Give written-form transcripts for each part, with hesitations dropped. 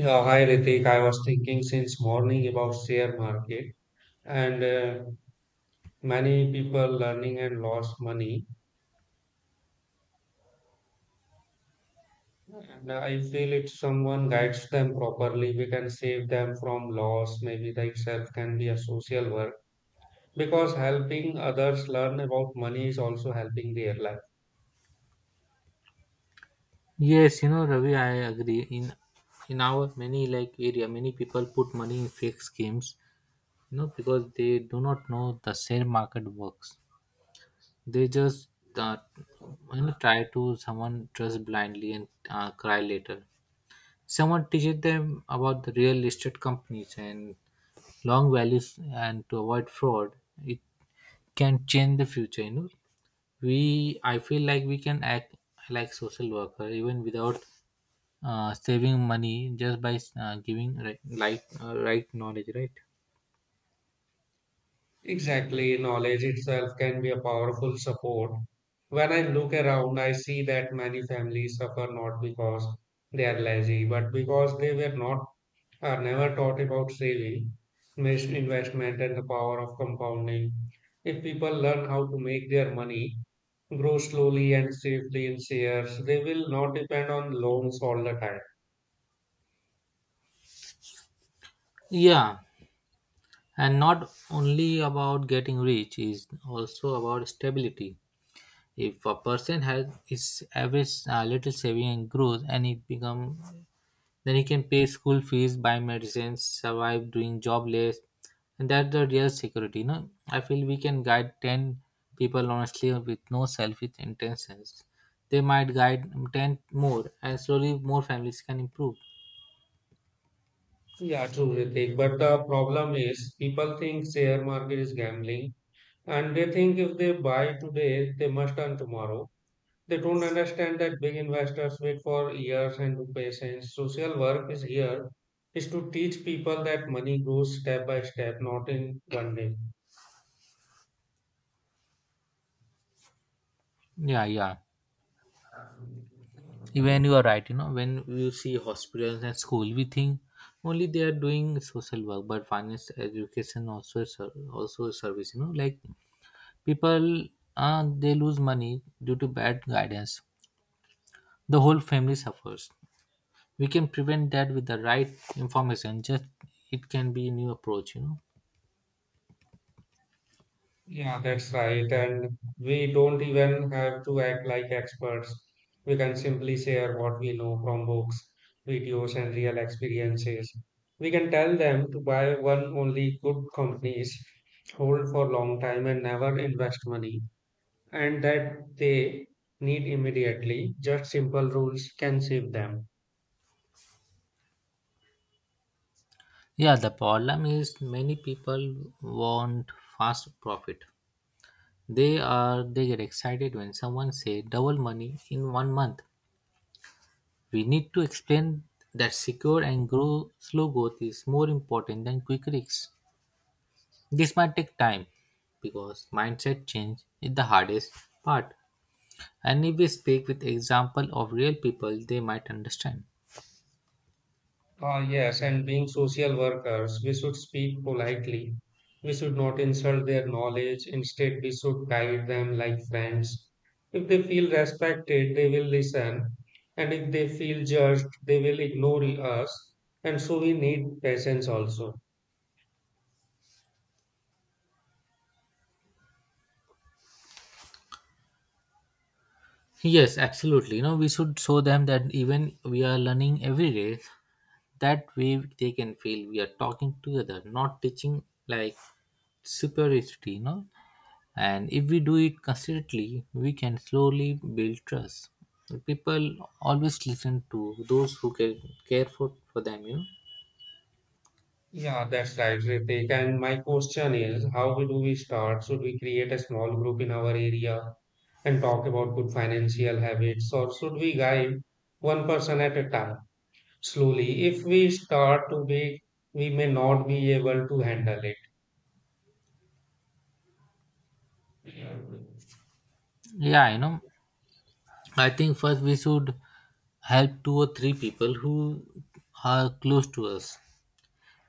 Yeah, hi Ritik. I was thinking since morning about share market and many people learning and lost money. And I feel if someone guides them properly, we can save them from loss. Maybe that itself can be a social work because helping others learn about money is also helping their life. Yes, you know, Ravi, I agree. In our many like area, many people put money in fake schemes, you know, because they do not know the share market works. They just uh, you know, try to someone trust blindly and cry later. Someone teaches them about the real estate companies and long values and to avoid fraud. It can change the future. You know, we I feel like we can act like social worker even without saving money, just by giving right, like right knowledge, right? Exactly, knowledge itself can be a powerful support. When I look around, I see that many families suffer not because they are lazy, but because they were not are never taught about saving, missed investment, and the power of compounding. If people learn how to make their money grow slowly and safely in shares, they will not depend on loans all the time. Yeah, and not only about getting rich, is also about stability. If a person has is average little saving and growth and it become, then he can pay school fees, buy medicines, survive doing jobless, and that's the real security. You know, I feel we can guide ten people honestly with no selfish intentions. They might guide ten more, and slowly more families can improve. Yeah, true, Ritik. But the problem is people think share market is gambling and they think if they buy today, they must earn tomorrow. They don't understand that big investors wait for years and do patience. Social work is here is to teach people that money grows step by step, not in one day. Yeah, yeah. Even you are right, you know, when you see hospitals and school, we think only they are doing social work, but finance, education also is also a service. You know, like people, they lose money due to bad guidance, the whole family suffers. We can prevent that with the right information. Just it can be new approach, you know. Yeah, that's right. And we don't even have to act like experts. We can simply share what we know from books, videos, and real experiences. We can tell them to buy one only good companies, hold for long time, and never invest money and that they need immediately. Just simple rules can save them. Yeah, the problem is many people want fast profit. They get excited when someone say double money in 1 month. We need to explain that secure and grow slow growth is more important than quick risks. This might take time because mindset change is the hardest part, and if we speak with example of real people, they might understand. Ah, yes, and being social workers, we should speak politely. We should not insult their knowledge. Instead, we should guide them like friends. If they feel respected, they will listen. And if they feel judged, they will ignore us. And so we need patience also. Yes, absolutely. You know, we should show them that even we are learning every day. That way they can feel we are talking together, not teaching like superiority, you know. And if we do it consistently, we can slowly build trust. People always listen to those who care, care for them, you know. Yeah, that's right, Ritik. And my question is, how we do we start? Should we create a small group in our area and talk about good financial habits, or should we guide one person at a time? Slowly, if we start too big, we may not be able to handle it. Yeah, you know, I think first we should help two or three people who are close to us.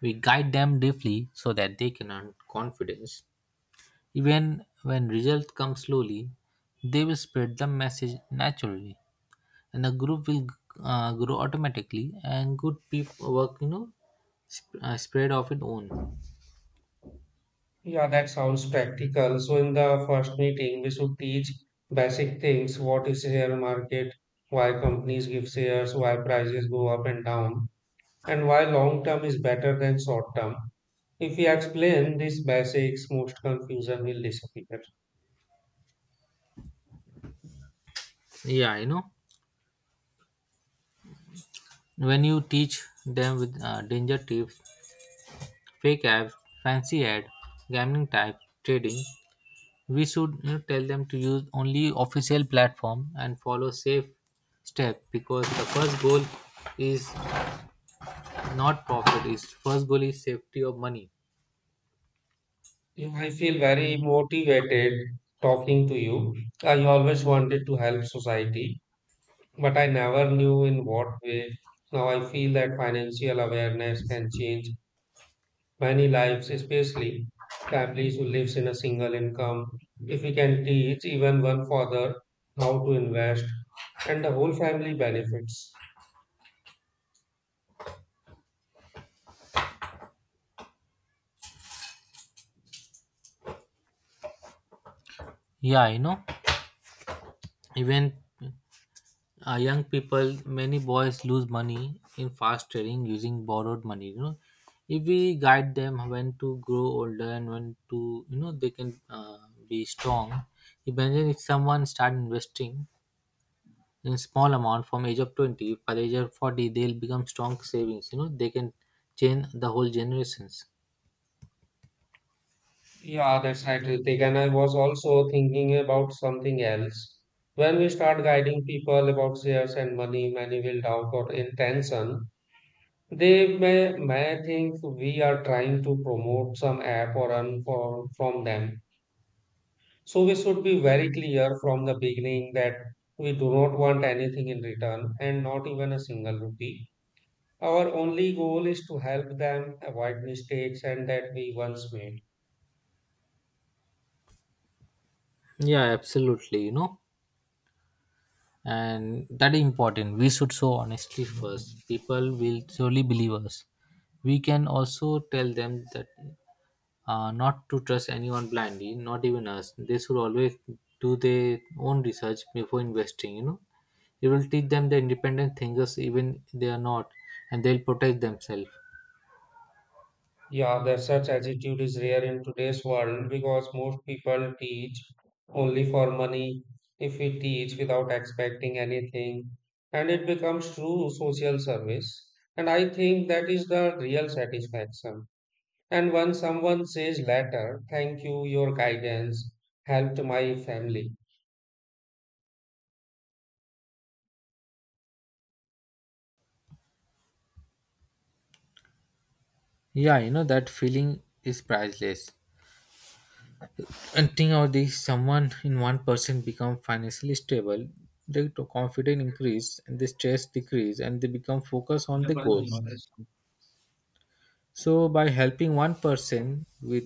We guide them deeply so that they can earn confidence. Even when results come slowly, they will spread the message naturally, and the group will grow automatically. And good people work, you know, spread of its own. Yeah, that sounds practical. So, in the first meeting, we should teach basic things: what is share market, why companies give shares, why prices go up and down, and why long term is better than short term. If we explain these basics, most confusion will disappear. Yeah, you know, when you teach them with danger tips, fake apps, fancy ad, gambling type trading, we should, you know, tell them to use only official platform and follow safe step, because the first goal is not profit, is first goal is safety of money. I feel very motivated talking to you. I always wanted to help society, but I never knew in what way. Now I feel that financial awareness can change many lives, especially families who lives in a single income. If we can teach even one father how to invest, and the whole family benefits. Yeah, you know, even young people, many boys lose money in fast trading using borrowed money, you know. If we guide them when to grow older and when to, you know, they can be strong. Imagine if someone start investing in small amount from age of 20, by the age of 40 they'll become strong savings, you know, they can change the whole generations. Yeah, that's right, Ritik. And I was also thinking about something else. When we start guiding people about shares and money, many will doubt our intention. They may think we are trying to promote some app or earn for, from them. So we should be very clear from the beginning that we do not want anything in return and not even a single rupee. Our only goal is to help them avoid mistakes and that we once made. Yeah, absolutely, you know. And that is important, we should show honestly first, people will surely believe us. We can also tell them that not to trust anyone blindly, not even us. They should always do their own research before investing, you know. It will teach them the independent thinkers even they are not, and they'll protect themselves. Yeah, that such attitude is rare in today's world because most people teach only for money. If we teach without expecting anything, and it becomes true social service. And I think that is the real satisfaction. And when someone says later, thank you, your guidance helped my family. Yeah, you know, that feeling is priceless. And think of this: someone in one person become financially stable, their confidence increase, and the stress decrease, and they become focused on the goals. So, by helping one person with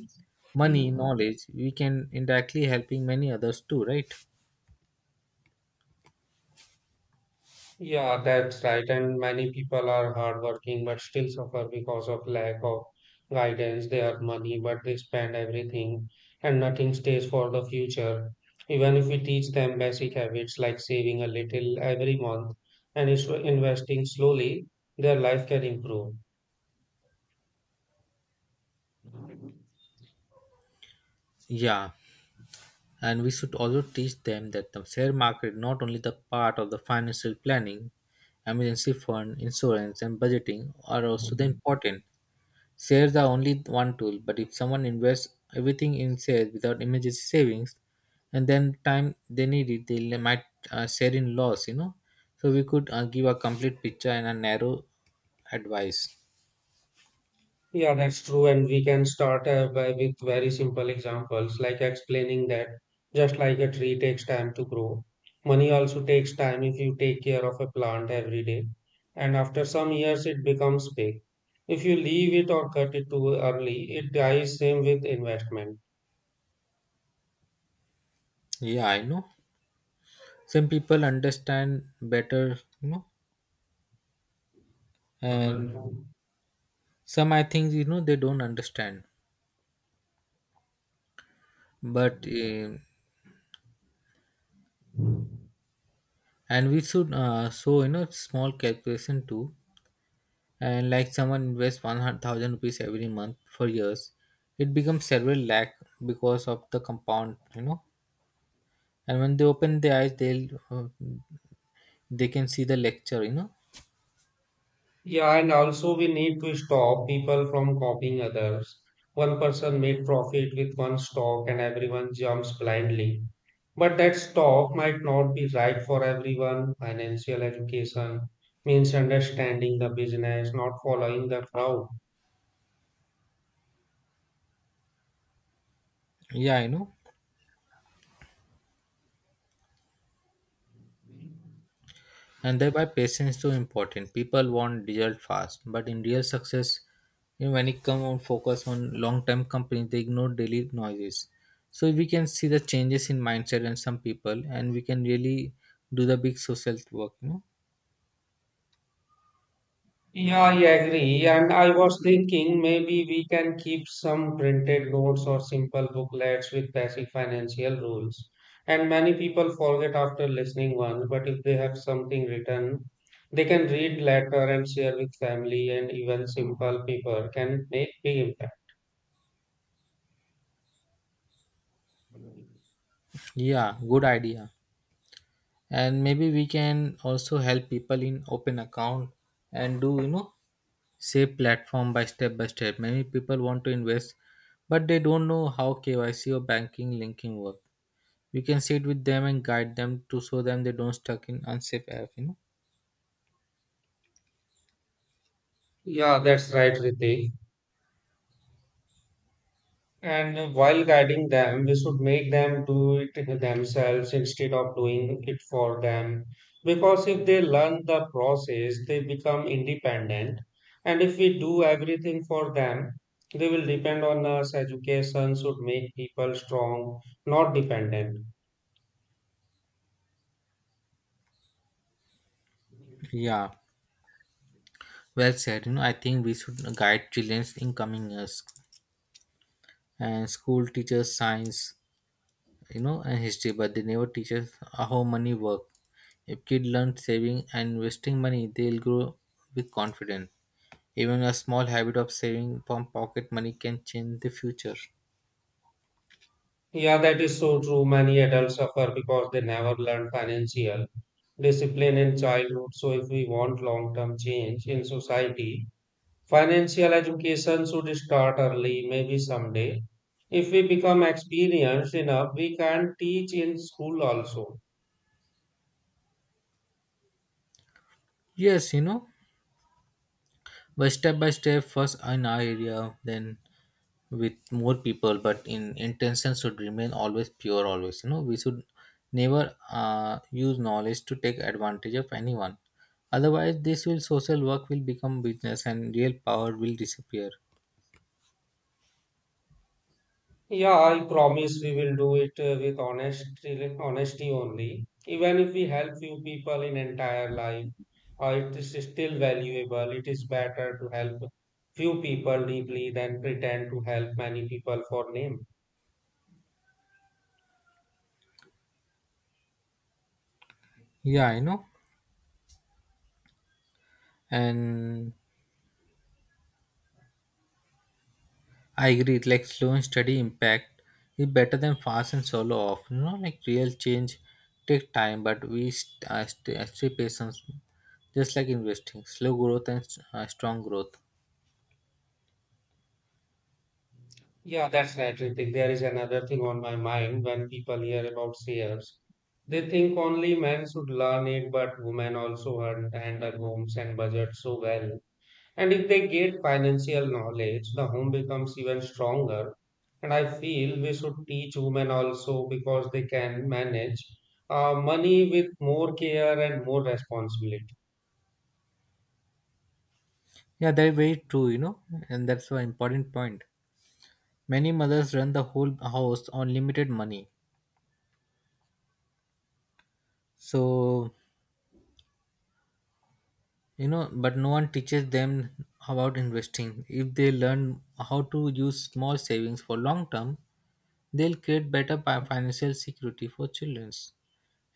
money, knowledge, we can indirectly helping many others too, right? Yeah, that's right. And many people are hardworking but still suffer because of lack of guidance. They have money, but they spend everything and nothing stays for the future. Even if we teach them basic habits like saving a little every month and investing slowly, their life can improve. Yeah, and we should also teach them that the share market not only the part of the financial planning, emergency fund, insurance, and budgeting are also the important. Shares are only one tool, but if someone invests everything in shares without emergency savings, and then time they need it, they might share in loss, you know. So we could give a complete picture and a narrow advice. Yeah, that's true. And we can start by with very simple examples, like explaining that just like a tree takes time to grow, money also takes time if you take care of a plant every day. And after some years, it becomes big. If you leave it or cut it too early, it dies. Same with investment. Yeah, I know. Some people understand better, you know, Number and two. some, I think, you know, they don't understand. But and we should so you know small calculation too. And like someone invests 100,000 rupees every month for years, it becomes several lakh because of the compound, you know. And when they open their eyes, they'll they can see the lecture, you know. Yeah, and also we need to stop people from copying others. One person made profit with one stock and everyone jumps blindly. But that stock might not be right for everyone. Financial education means understanding the business, not following the crowd. Yeah, I know, and thereby patience is so important. People want result fast, but in real success, you know, when it come on focus on long term companies, they ignore daily noises. So we can see the changes in mindset in some people, and we can really do the big social work, you know. Yeah, I agree. And I was thinking maybe we can keep some printed notes or simple booklets with basic financial rules. And many people forget after listening once, but if they have something written, they can read later and share with family, and even simple people can make big impact. Yeah, good idea. And maybe we can also help people in open account, and do, you know, save platform by step by step. Many people want to invest but they don't know how kyc or banking linking work. We can sit with them and guide them to show them they don't stuck in unsafe app, you know. Yeah, that's right, Ritik. And while guiding them, we should make them do it themselves instead of doing it for them. Because if they learn the process, they become independent. And if we do everything for them, they will depend on us. Education should make people strong, not dependent. Yeah, well said, you know. I think we should guide children in coming years, and school teaches science, you know, and history, but they never teach us how money work. If kids learn saving and investing money, they'll grow with confidence. Even a small habit of saving from pocket money can change the future. Yeah, that is so true. Many adults suffer because they never learn financial discipline in childhood. So if we want long-term change in society, financial education should start early, maybe someday. If we become experienced enough, we can teach in school also. Yes, you know, but step by step, first in our area, then with more people. But in intention should remain always pure. Always, you know, we should never use knowledge to take advantage of anyone. Otherwise, this will social work will become business, and real power will disappear. Yeah, I promise we will do it with honesty, honesty only. Even if we help few people in entire life, it is still valuable. It is better to help few people deeply than pretend to help many people for name. Yeah, I know, and I agree. Like slow and steady impact is better than fast and solo off. You know, like real change take time, but we stay, stay patient, just like investing. Slow growth and strong growth. Yeah, that's right, Ritik. There is another thing on my mind when people hear about seers. They think only men should learn it, but women also hunt, handle homes and budget so well. And if they get financial knowledge, the home becomes even stronger. And I feel we should teach women also because they can manage money with more care and more responsibility. Yeah, that's very true, you know. And that's an important point. Many mothers run the whole house on limited money. So, you know, but no one teaches them about investing. If they learn how to use small savings for long term, they'll create better financial security for children.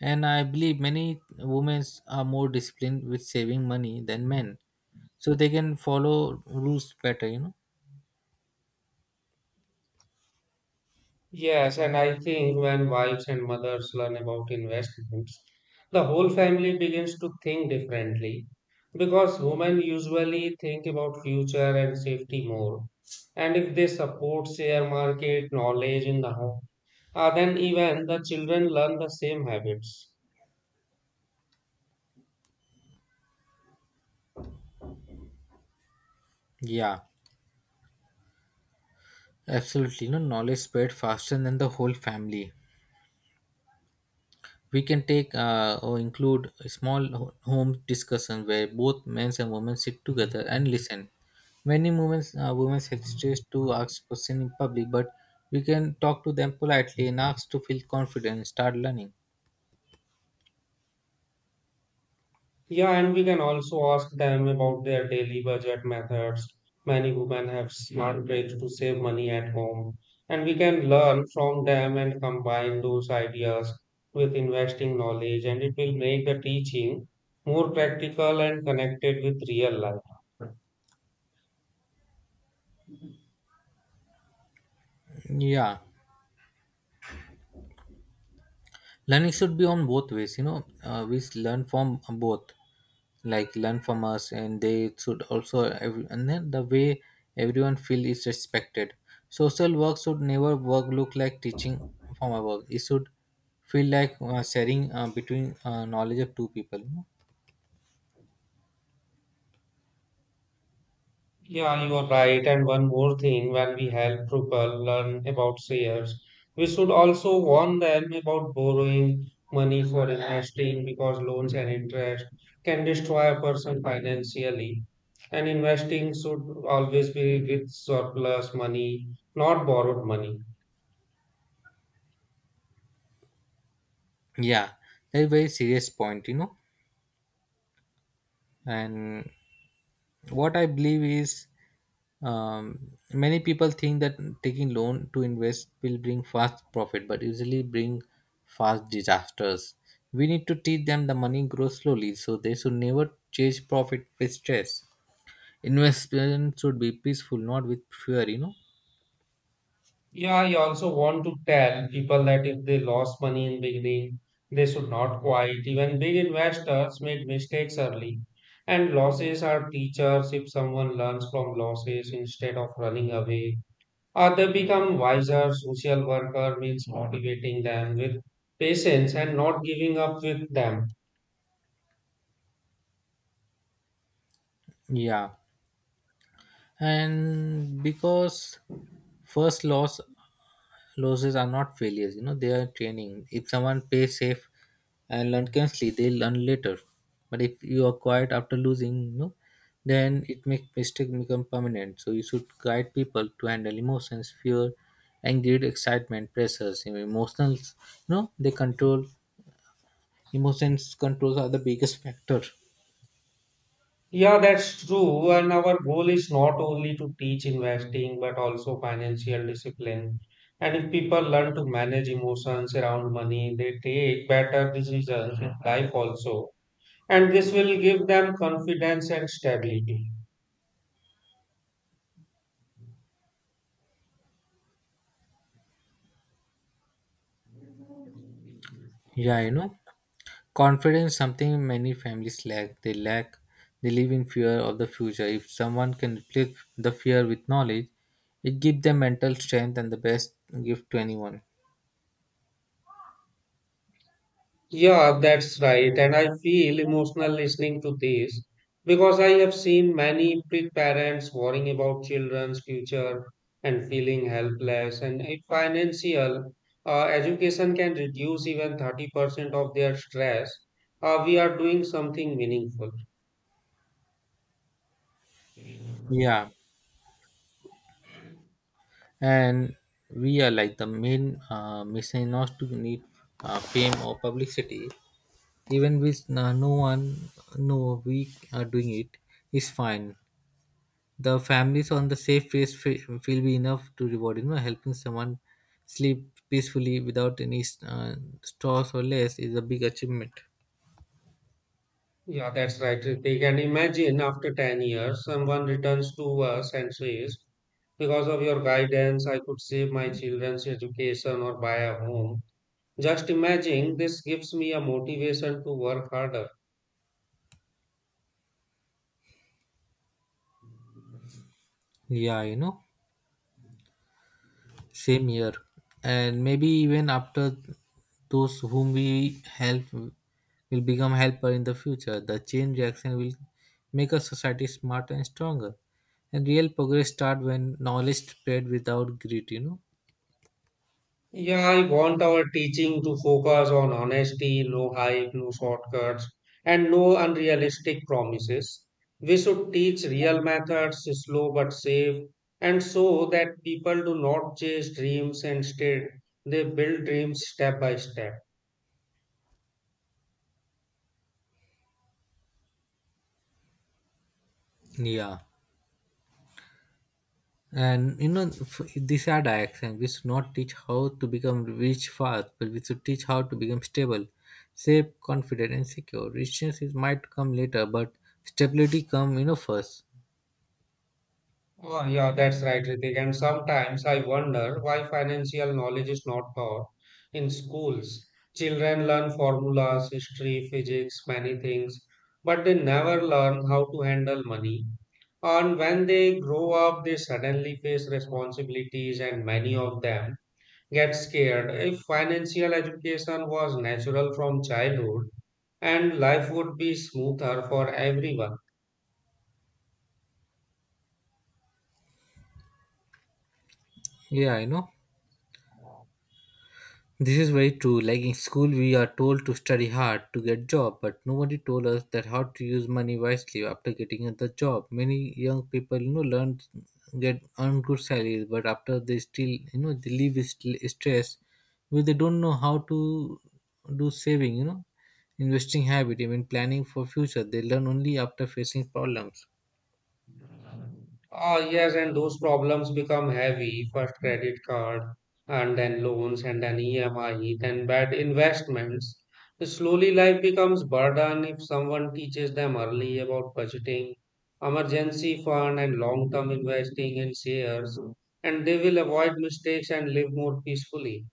And I believe many women are more disciplined with saving money than men, so they can follow rules better, you know. Yes, and I think when wives and mothers learn about investments, the whole family begins to think differently because women usually think about future and safety more. And if they support share market knowledge in the home, then even the children learn the same habits. Yeah, absolutely, you know. Knowledge spread faster than the whole family. We can take or include a small home discussion where both men and women sit together and listen. Many women women hesitate to ask questions in public, but we can talk to them politely and ask to feel confident and start learning. Yeah, and we can also ask them about their daily budget methods. Many women have smart ways to save money at home, and we can learn from them and combine those ideas with investing knowledge, and it will make the teaching more practical and connected with real life. Yeah, learning should be on both ways, you know. Learn from both, like learn from us, and they should also, every, and then the way everyone feel is respected. Social work should never work look like teaching from above. It should feel like sharing between knowledge of two people, you know? Yeah, you are right. And one more thing, when we help people learn about shares, we should also warn them about borrowing money for investing because loans and interest can destroy a person financially. And investing should always be with surplus money, not borrowed money. Yeah, that's a very serious point, you know. And what I believe is, many people think that taking loan to invest will bring fast profit, but usually bring fast disasters. We need to teach them the money grows slowly, so they should never chase profit with stress. Investment should be peaceful, not with fear, you know. Yeah, I also want to tell people that if they lost money in beginning, they should not quit. Even big investors made mistakes early, and losses are teachers if someone learns from losses instead of running away. Or they become wiser. Social worker means motivating them with patience and not giving up with them. Yeah, and because first loss losses are not failures, you know, they are training. If someone plays safe and learn constantly, they learn later. But if you are quiet after losing, you know, then it make mistake become permanent. So you should guide people to handle emotions, fear and greed, excitement pressures, you know, emotions you know they control emotions controls are the biggest factor. Yeah, that's true. And our goal is not only to teach investing, but also financial discipline. And if people learn to manage emotions around money, they take better decisions in life also. And this will give them confidence and stability. Yeah, you know, confidence, something many families lack. They live in fear of the future. If someone can replace the fear with knowledge, it gives them mental strength and the best gift to anyone. Yeah, that's right. And I feel emotional listening to this because I have seen many big parents worrying about children's future and feeling helpless. And if financial education can reduce even 30% of their stress, we are doing something meaningful. Yeah, and we are like the main mission not to need fame or publicity. Even with no one, no, we are doing it is fine. The families on the safe place feel be enough to reward, you know, helping someone sleep peacefully without any stress or less is a big achievement. Yeah, that's right, Ritik. And imagine after 10 years, someone returns to us and says, because of your guidance, I could save my children's education or buy a home. Just imagine this gives me a motivation to work harder. Yeah, you know, same year, and maybe even after, those whom we help will become helper in the future. The change reaction will make a society smarter and stronger, and real progress start when knowledge spread without greed, you know. Yeah, I want our teaching to focus on honesty, no hype, no shortcuts, and no unrealistic promises. We should teach real methods, slow but safe, and so that people do not chase dreams instead, they build dreams step by step. Yeah. And you know, these are the actions. We should not teach how to become rich fast, but we should teach how to become stable, safe, confident, and secure. Richness is might come later, but stability come, you know, first. Oh, yeah, that's right, Ritik. And sometimes I wonder why financial knowledge is not taught in schools. Children learn formulas, history, physics, many things, but they never learn how to handle money. And when they grow up, they suddenly face responsibilities, and many of them get scared. If financial education was natural from childhood, and life would be smoother for everyone. Yeah, you know. This is very true. Like in school, we are told to study hard to get job, but nobody told us that how to use money wisely after getting the job. Many young people, learn get earn good salaries, but after they still, they live with stress, because they don't know how to do saving, investing habit, even planning for future. They learn only after facing problems. Ah yes, and those problems become heavy. First credit card, and then loans, and then EMI, then bad investments. So slowly, life becomes burden if someone teaches them early about budgeting, emergency fund, and long-term investing in shares, and they will avoid mistakes and live more peacefully.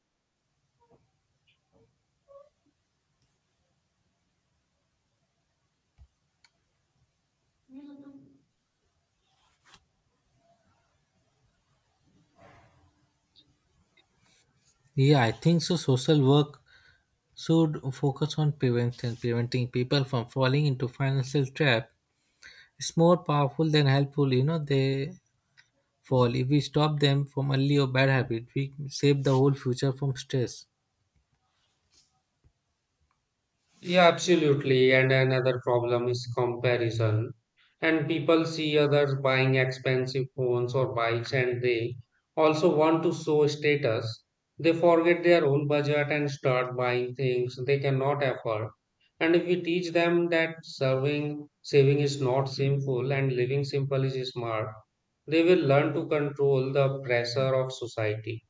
Yeah, I think so. Social work should focus on prevention, preventing people from falling into financial trap. It's more powerful than helpful, they fall. If we stop them from early or bad habit, we save the whole future from stress. Yeah, absolutely. And another problem is comparison. And people see others buying expensive phones or bikes and they also want to show status. They forget their own budget and start buying things they cannot afford. And if we teach them that serving, saving is not sinful and living simple is smart, they will learn to control the pressure of society.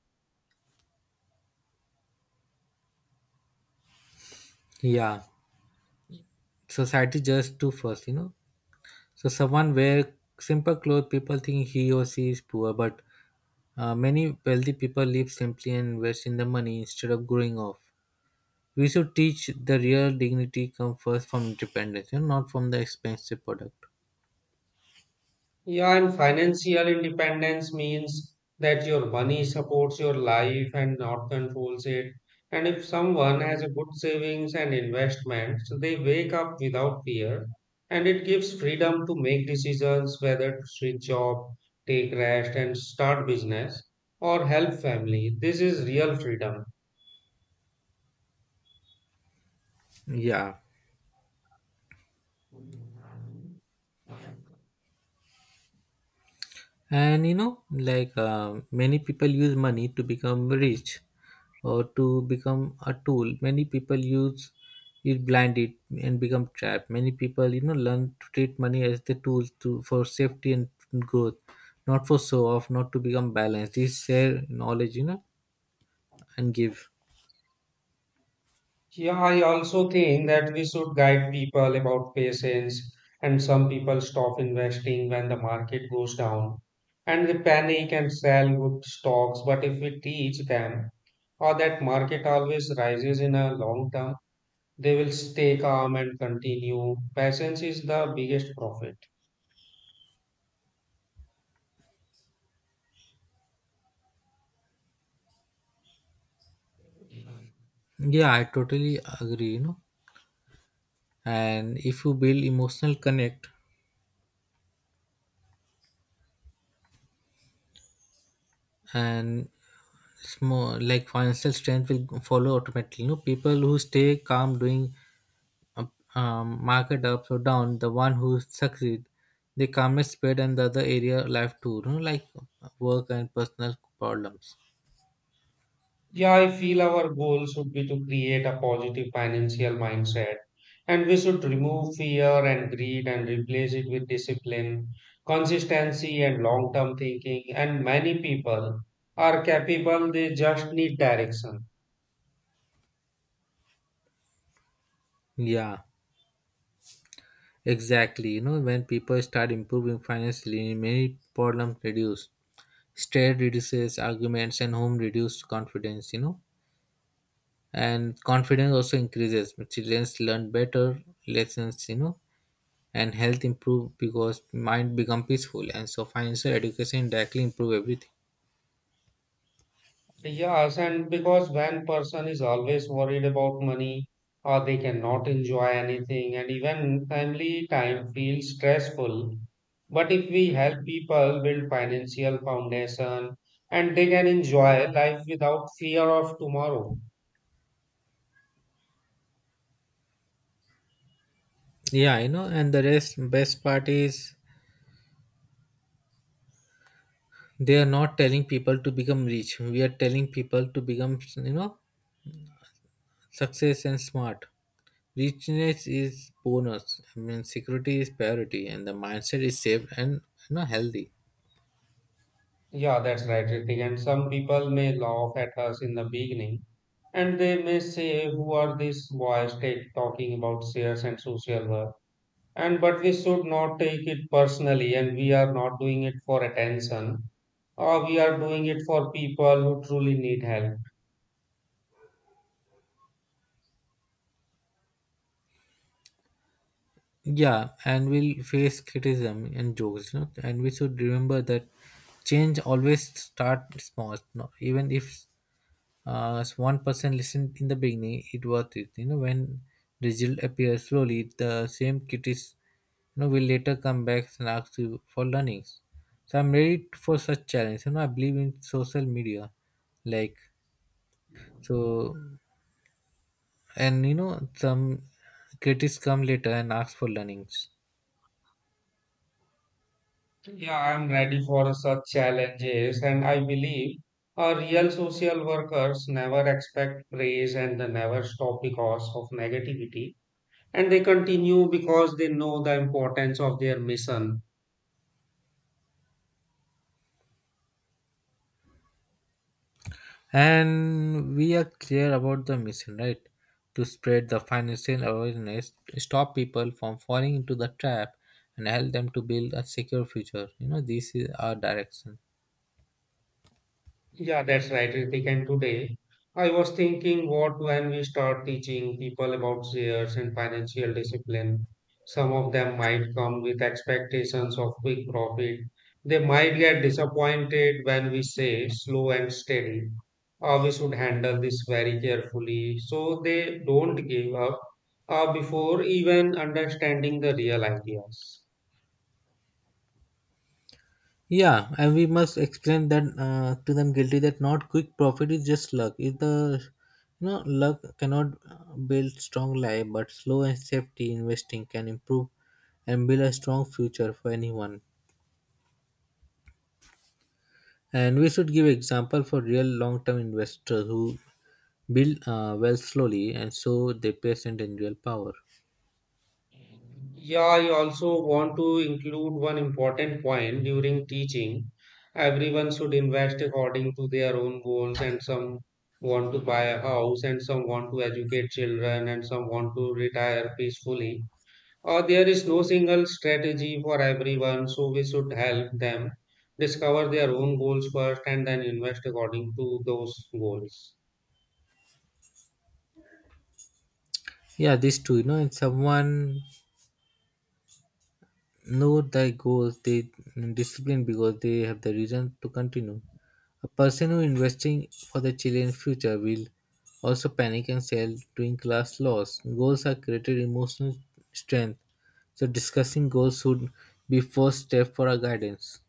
Yeah, society just too first. So someone wear simple clothes, people think he or she is poor, but many wealthy people live simply and invest in the money instead of growing off. We should teach the real dignity come first from independence, not from the expensive product. Yeah, and financial independence means that your money supports your life and not controls it. And if someone has a good savings and investments, they wake up without fear and it gives freedom to make decisions whether to switch job, take rest, and start business or help family. This is real freedom. Yeah, and like many people use money to become rich, or to become a tool. Many people use it blinded and become trapped. Many people, learn to treat money as the tool to for safety and growth, not for show off, not to become balanced. It's share knowledge, and give. Yeah, I also think that we should guide people about patience, and some people stop investing when the market goes down and they panic and sell good stocks. But if we teach them or that market always rises in a long term, they will stay calm and continue. Patience is the biggest profit. Yeah, I totally agree. And if you build emotional connect and small like financial strength will follow automatically. You know, people who stay calm doing market ups or down, the one who succeed, they calmly spread and the other area life too, like work and personal problems. Yeah, I feel our goal should be to create a positive financial mindset and we should remove fear and greed and replace it with discipline, consistency, and long term thinking. And many people are capable, they just need direction. Yeah, exactly. You know, when people start improving financially, many problems reduce. Stress reduces, arguments and home reduce confidence. And confidence also increases. Children learn better lessons, and health improve because mind become peaceful. And so financial education directly improve everything. Yes, and because when person is always worried about money, or they cannot enjoy anything, and even family time feels stressful. But if we help people build financial foundation, and they can enjoy life without fear of tomorrow. Yeah, I know. And the rest best part is they are not telling people to become rich. We are telling people to become success and smart. Richness is bonus. I mean security is priority and the mindset is safe and healthy. Yeah, that's right, Ritik. And some people may laugh at us in the beginning, and they may say, "Who are these boys take talking about shares and social work?" And but we should not take it personally and we are not doing it for attention or we are doing it for people who truly need help. Yeah, and we'll face criticism and jokes, and we should remember that change always start small. No, even if as one person listened in the beginning, it worth it. You know, when result appears slowly, the same critics, will later come back and ask you for learnings. So I'm ready for such challenge. You know, I believe in social media, like so, and you know, some critics come later and ask for learnings. Yeah, I'm ready for such challenges and I believe our real social workers never expect praise and they never stop because of negativity and they continue because they know the importance of their mission. And we are clear about the mission, right? To spread the financial awareness, stop people from falling into the trap and help them to build a secure future. This is our direction. Yeah, that's right, Ritik. And today, I was thinking, what when we start teaching people about shares and financial discipline? Some of them might come with expectations of quick profit. They might get disappointed when we say slow and steady, or we should handle this very carefully so they don't give up before even understanding the real ideas. Yeah, and we must explain that to them guilty that not quick profit is just luck. If the, you know, luck cannot build strong life, but slow and safety investing can improve and build a strong future for anyone. And we should give example for real long-term investors who build wealth slowly and so they present and real power. Yeah, I also want to include one important point during teaching. Everyone should invest according to their own goals, and some want to buy a house, and some want to educate children, and some want to retire peacefully. There is no single strategy for everyone, so we should help them discover their own goals first and then invest according to those goals. Yeah, these two, you know, and someone know their goals, they discipline because they have the reason to continue. A person who investing for the children's future will also panic and sell doing class loss. Goals are created emotional strength. So discussing goals should be first step for our guidance.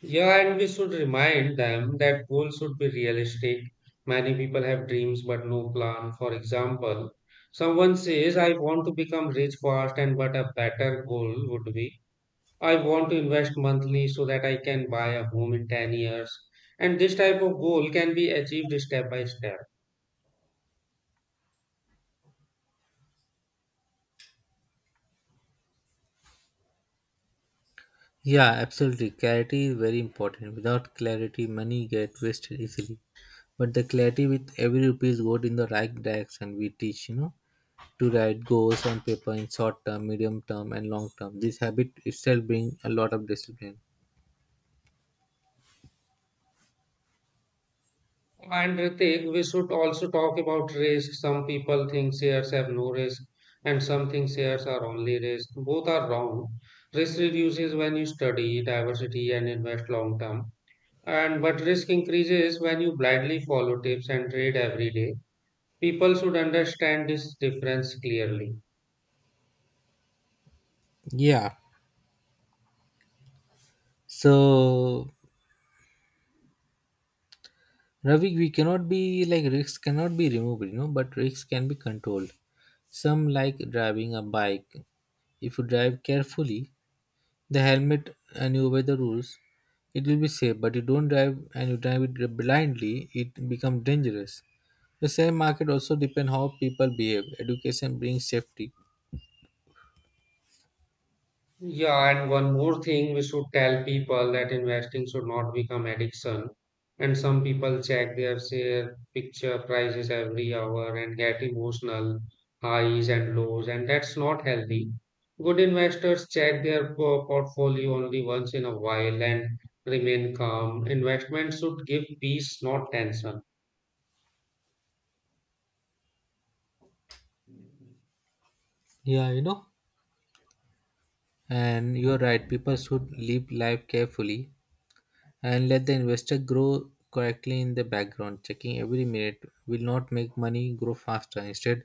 Yeah, and we should remind them that goals should be realistic. Many people have dreams but no plan. For example, someone says, I want to become rich fast, and but a better goal would be, I want to invest monthly so that I can buy a home in 10 years. And this type of goal can be achieved step by step. Yeah, absolutely. Clarity is very important. Without clarity, money get wasted easily. But the clarity with every rupee is good in the right direction. We teach, to write goals on paper in short term, medium term, and long term. This habit itself brings a lot of discipline. And Ritik, we should also talk about risk. Some people think shares have no risk, and some think shares are only risk. Both are wrong. Risk reduces when you study diversity and invest long term, and but risk increases when you blindly follow tips and trade every day. People should understand this difference clearly. Yeah. So, Ravi, we cannot be like risks cannot be removed, but risks can be controlled. Some like driving a bike. If you drive carefully, the helmet and you obey the rules, it will be safe. But you don't drive and you drive it blindly, it becomes dangerous. The share market also depend how people behave. Education brings safety. Yeah, and one more thing, we should tell people that investing should not become addiction. And some people check their share picture prices every hour and get emotional highs and lows, and that's not healthy. Good investors check their portfolio only once in a while and remain calm. Investment should give peace, not tension. Yeah, you know, and you're right. People should live life carefully and let the investor grow correctly in the background. Checking every minute will not make money grow faster. Instead,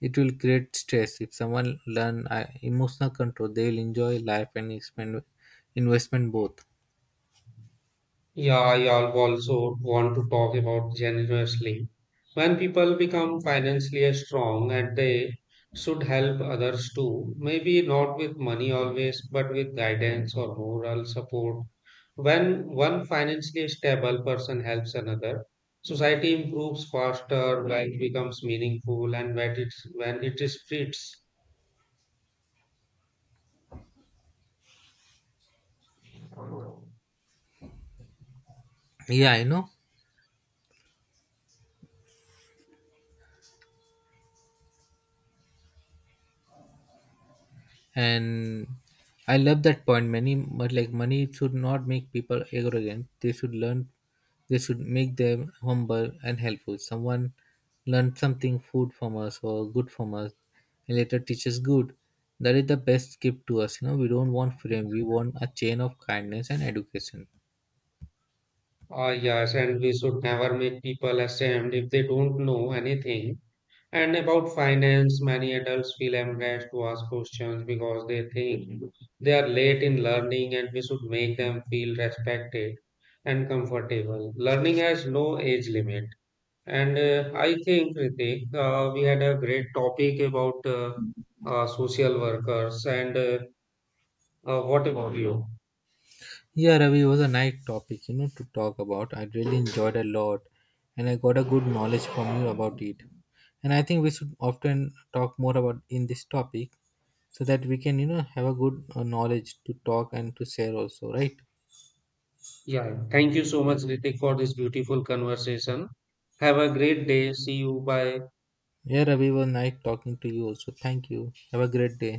it will create stress. If someone learn emotional control, they will enjoy life and expand investment both. Yeah, also want to talk about generously. When people become financially strong and they should help others too, maybe not with money always, but with guidance or moral support. When one financially stable person helps another, society improves faster, life becomes meaningful, when it is treats. Yeah, you know. And I love that point money, but like money should not make people arrogant. They should learn they should make them humble and helpful. Someone learned something food from us or good from us and later teaches good, that is the best gift to us. You know, we don't want fame. We want a chain of kindness and education. Ah, yes, and we should never make people ashamed if they don't know anything. And about finance, many adults feel embarrassed to ask questions because they think they are late in learning and we should make them feel respected and comfortable. Learning has no age limit. And I think, Ritik, we had a great topic about social workers. And what about you? Yeah, Ravi, it was a nice topic, you know, to talk about. I really enjoyed a lot and I got a good knowledge from you about it. And I think we should often talk more about in this topic so that we can, you know, have a good knowledge to talk and to share also, right? Yeah, thank you so much, Ritik, for this beautiful conversation. Have a great day. See you. Bye. Yeah, Ravi, was nice talking to you also. Thank you. Have a great day.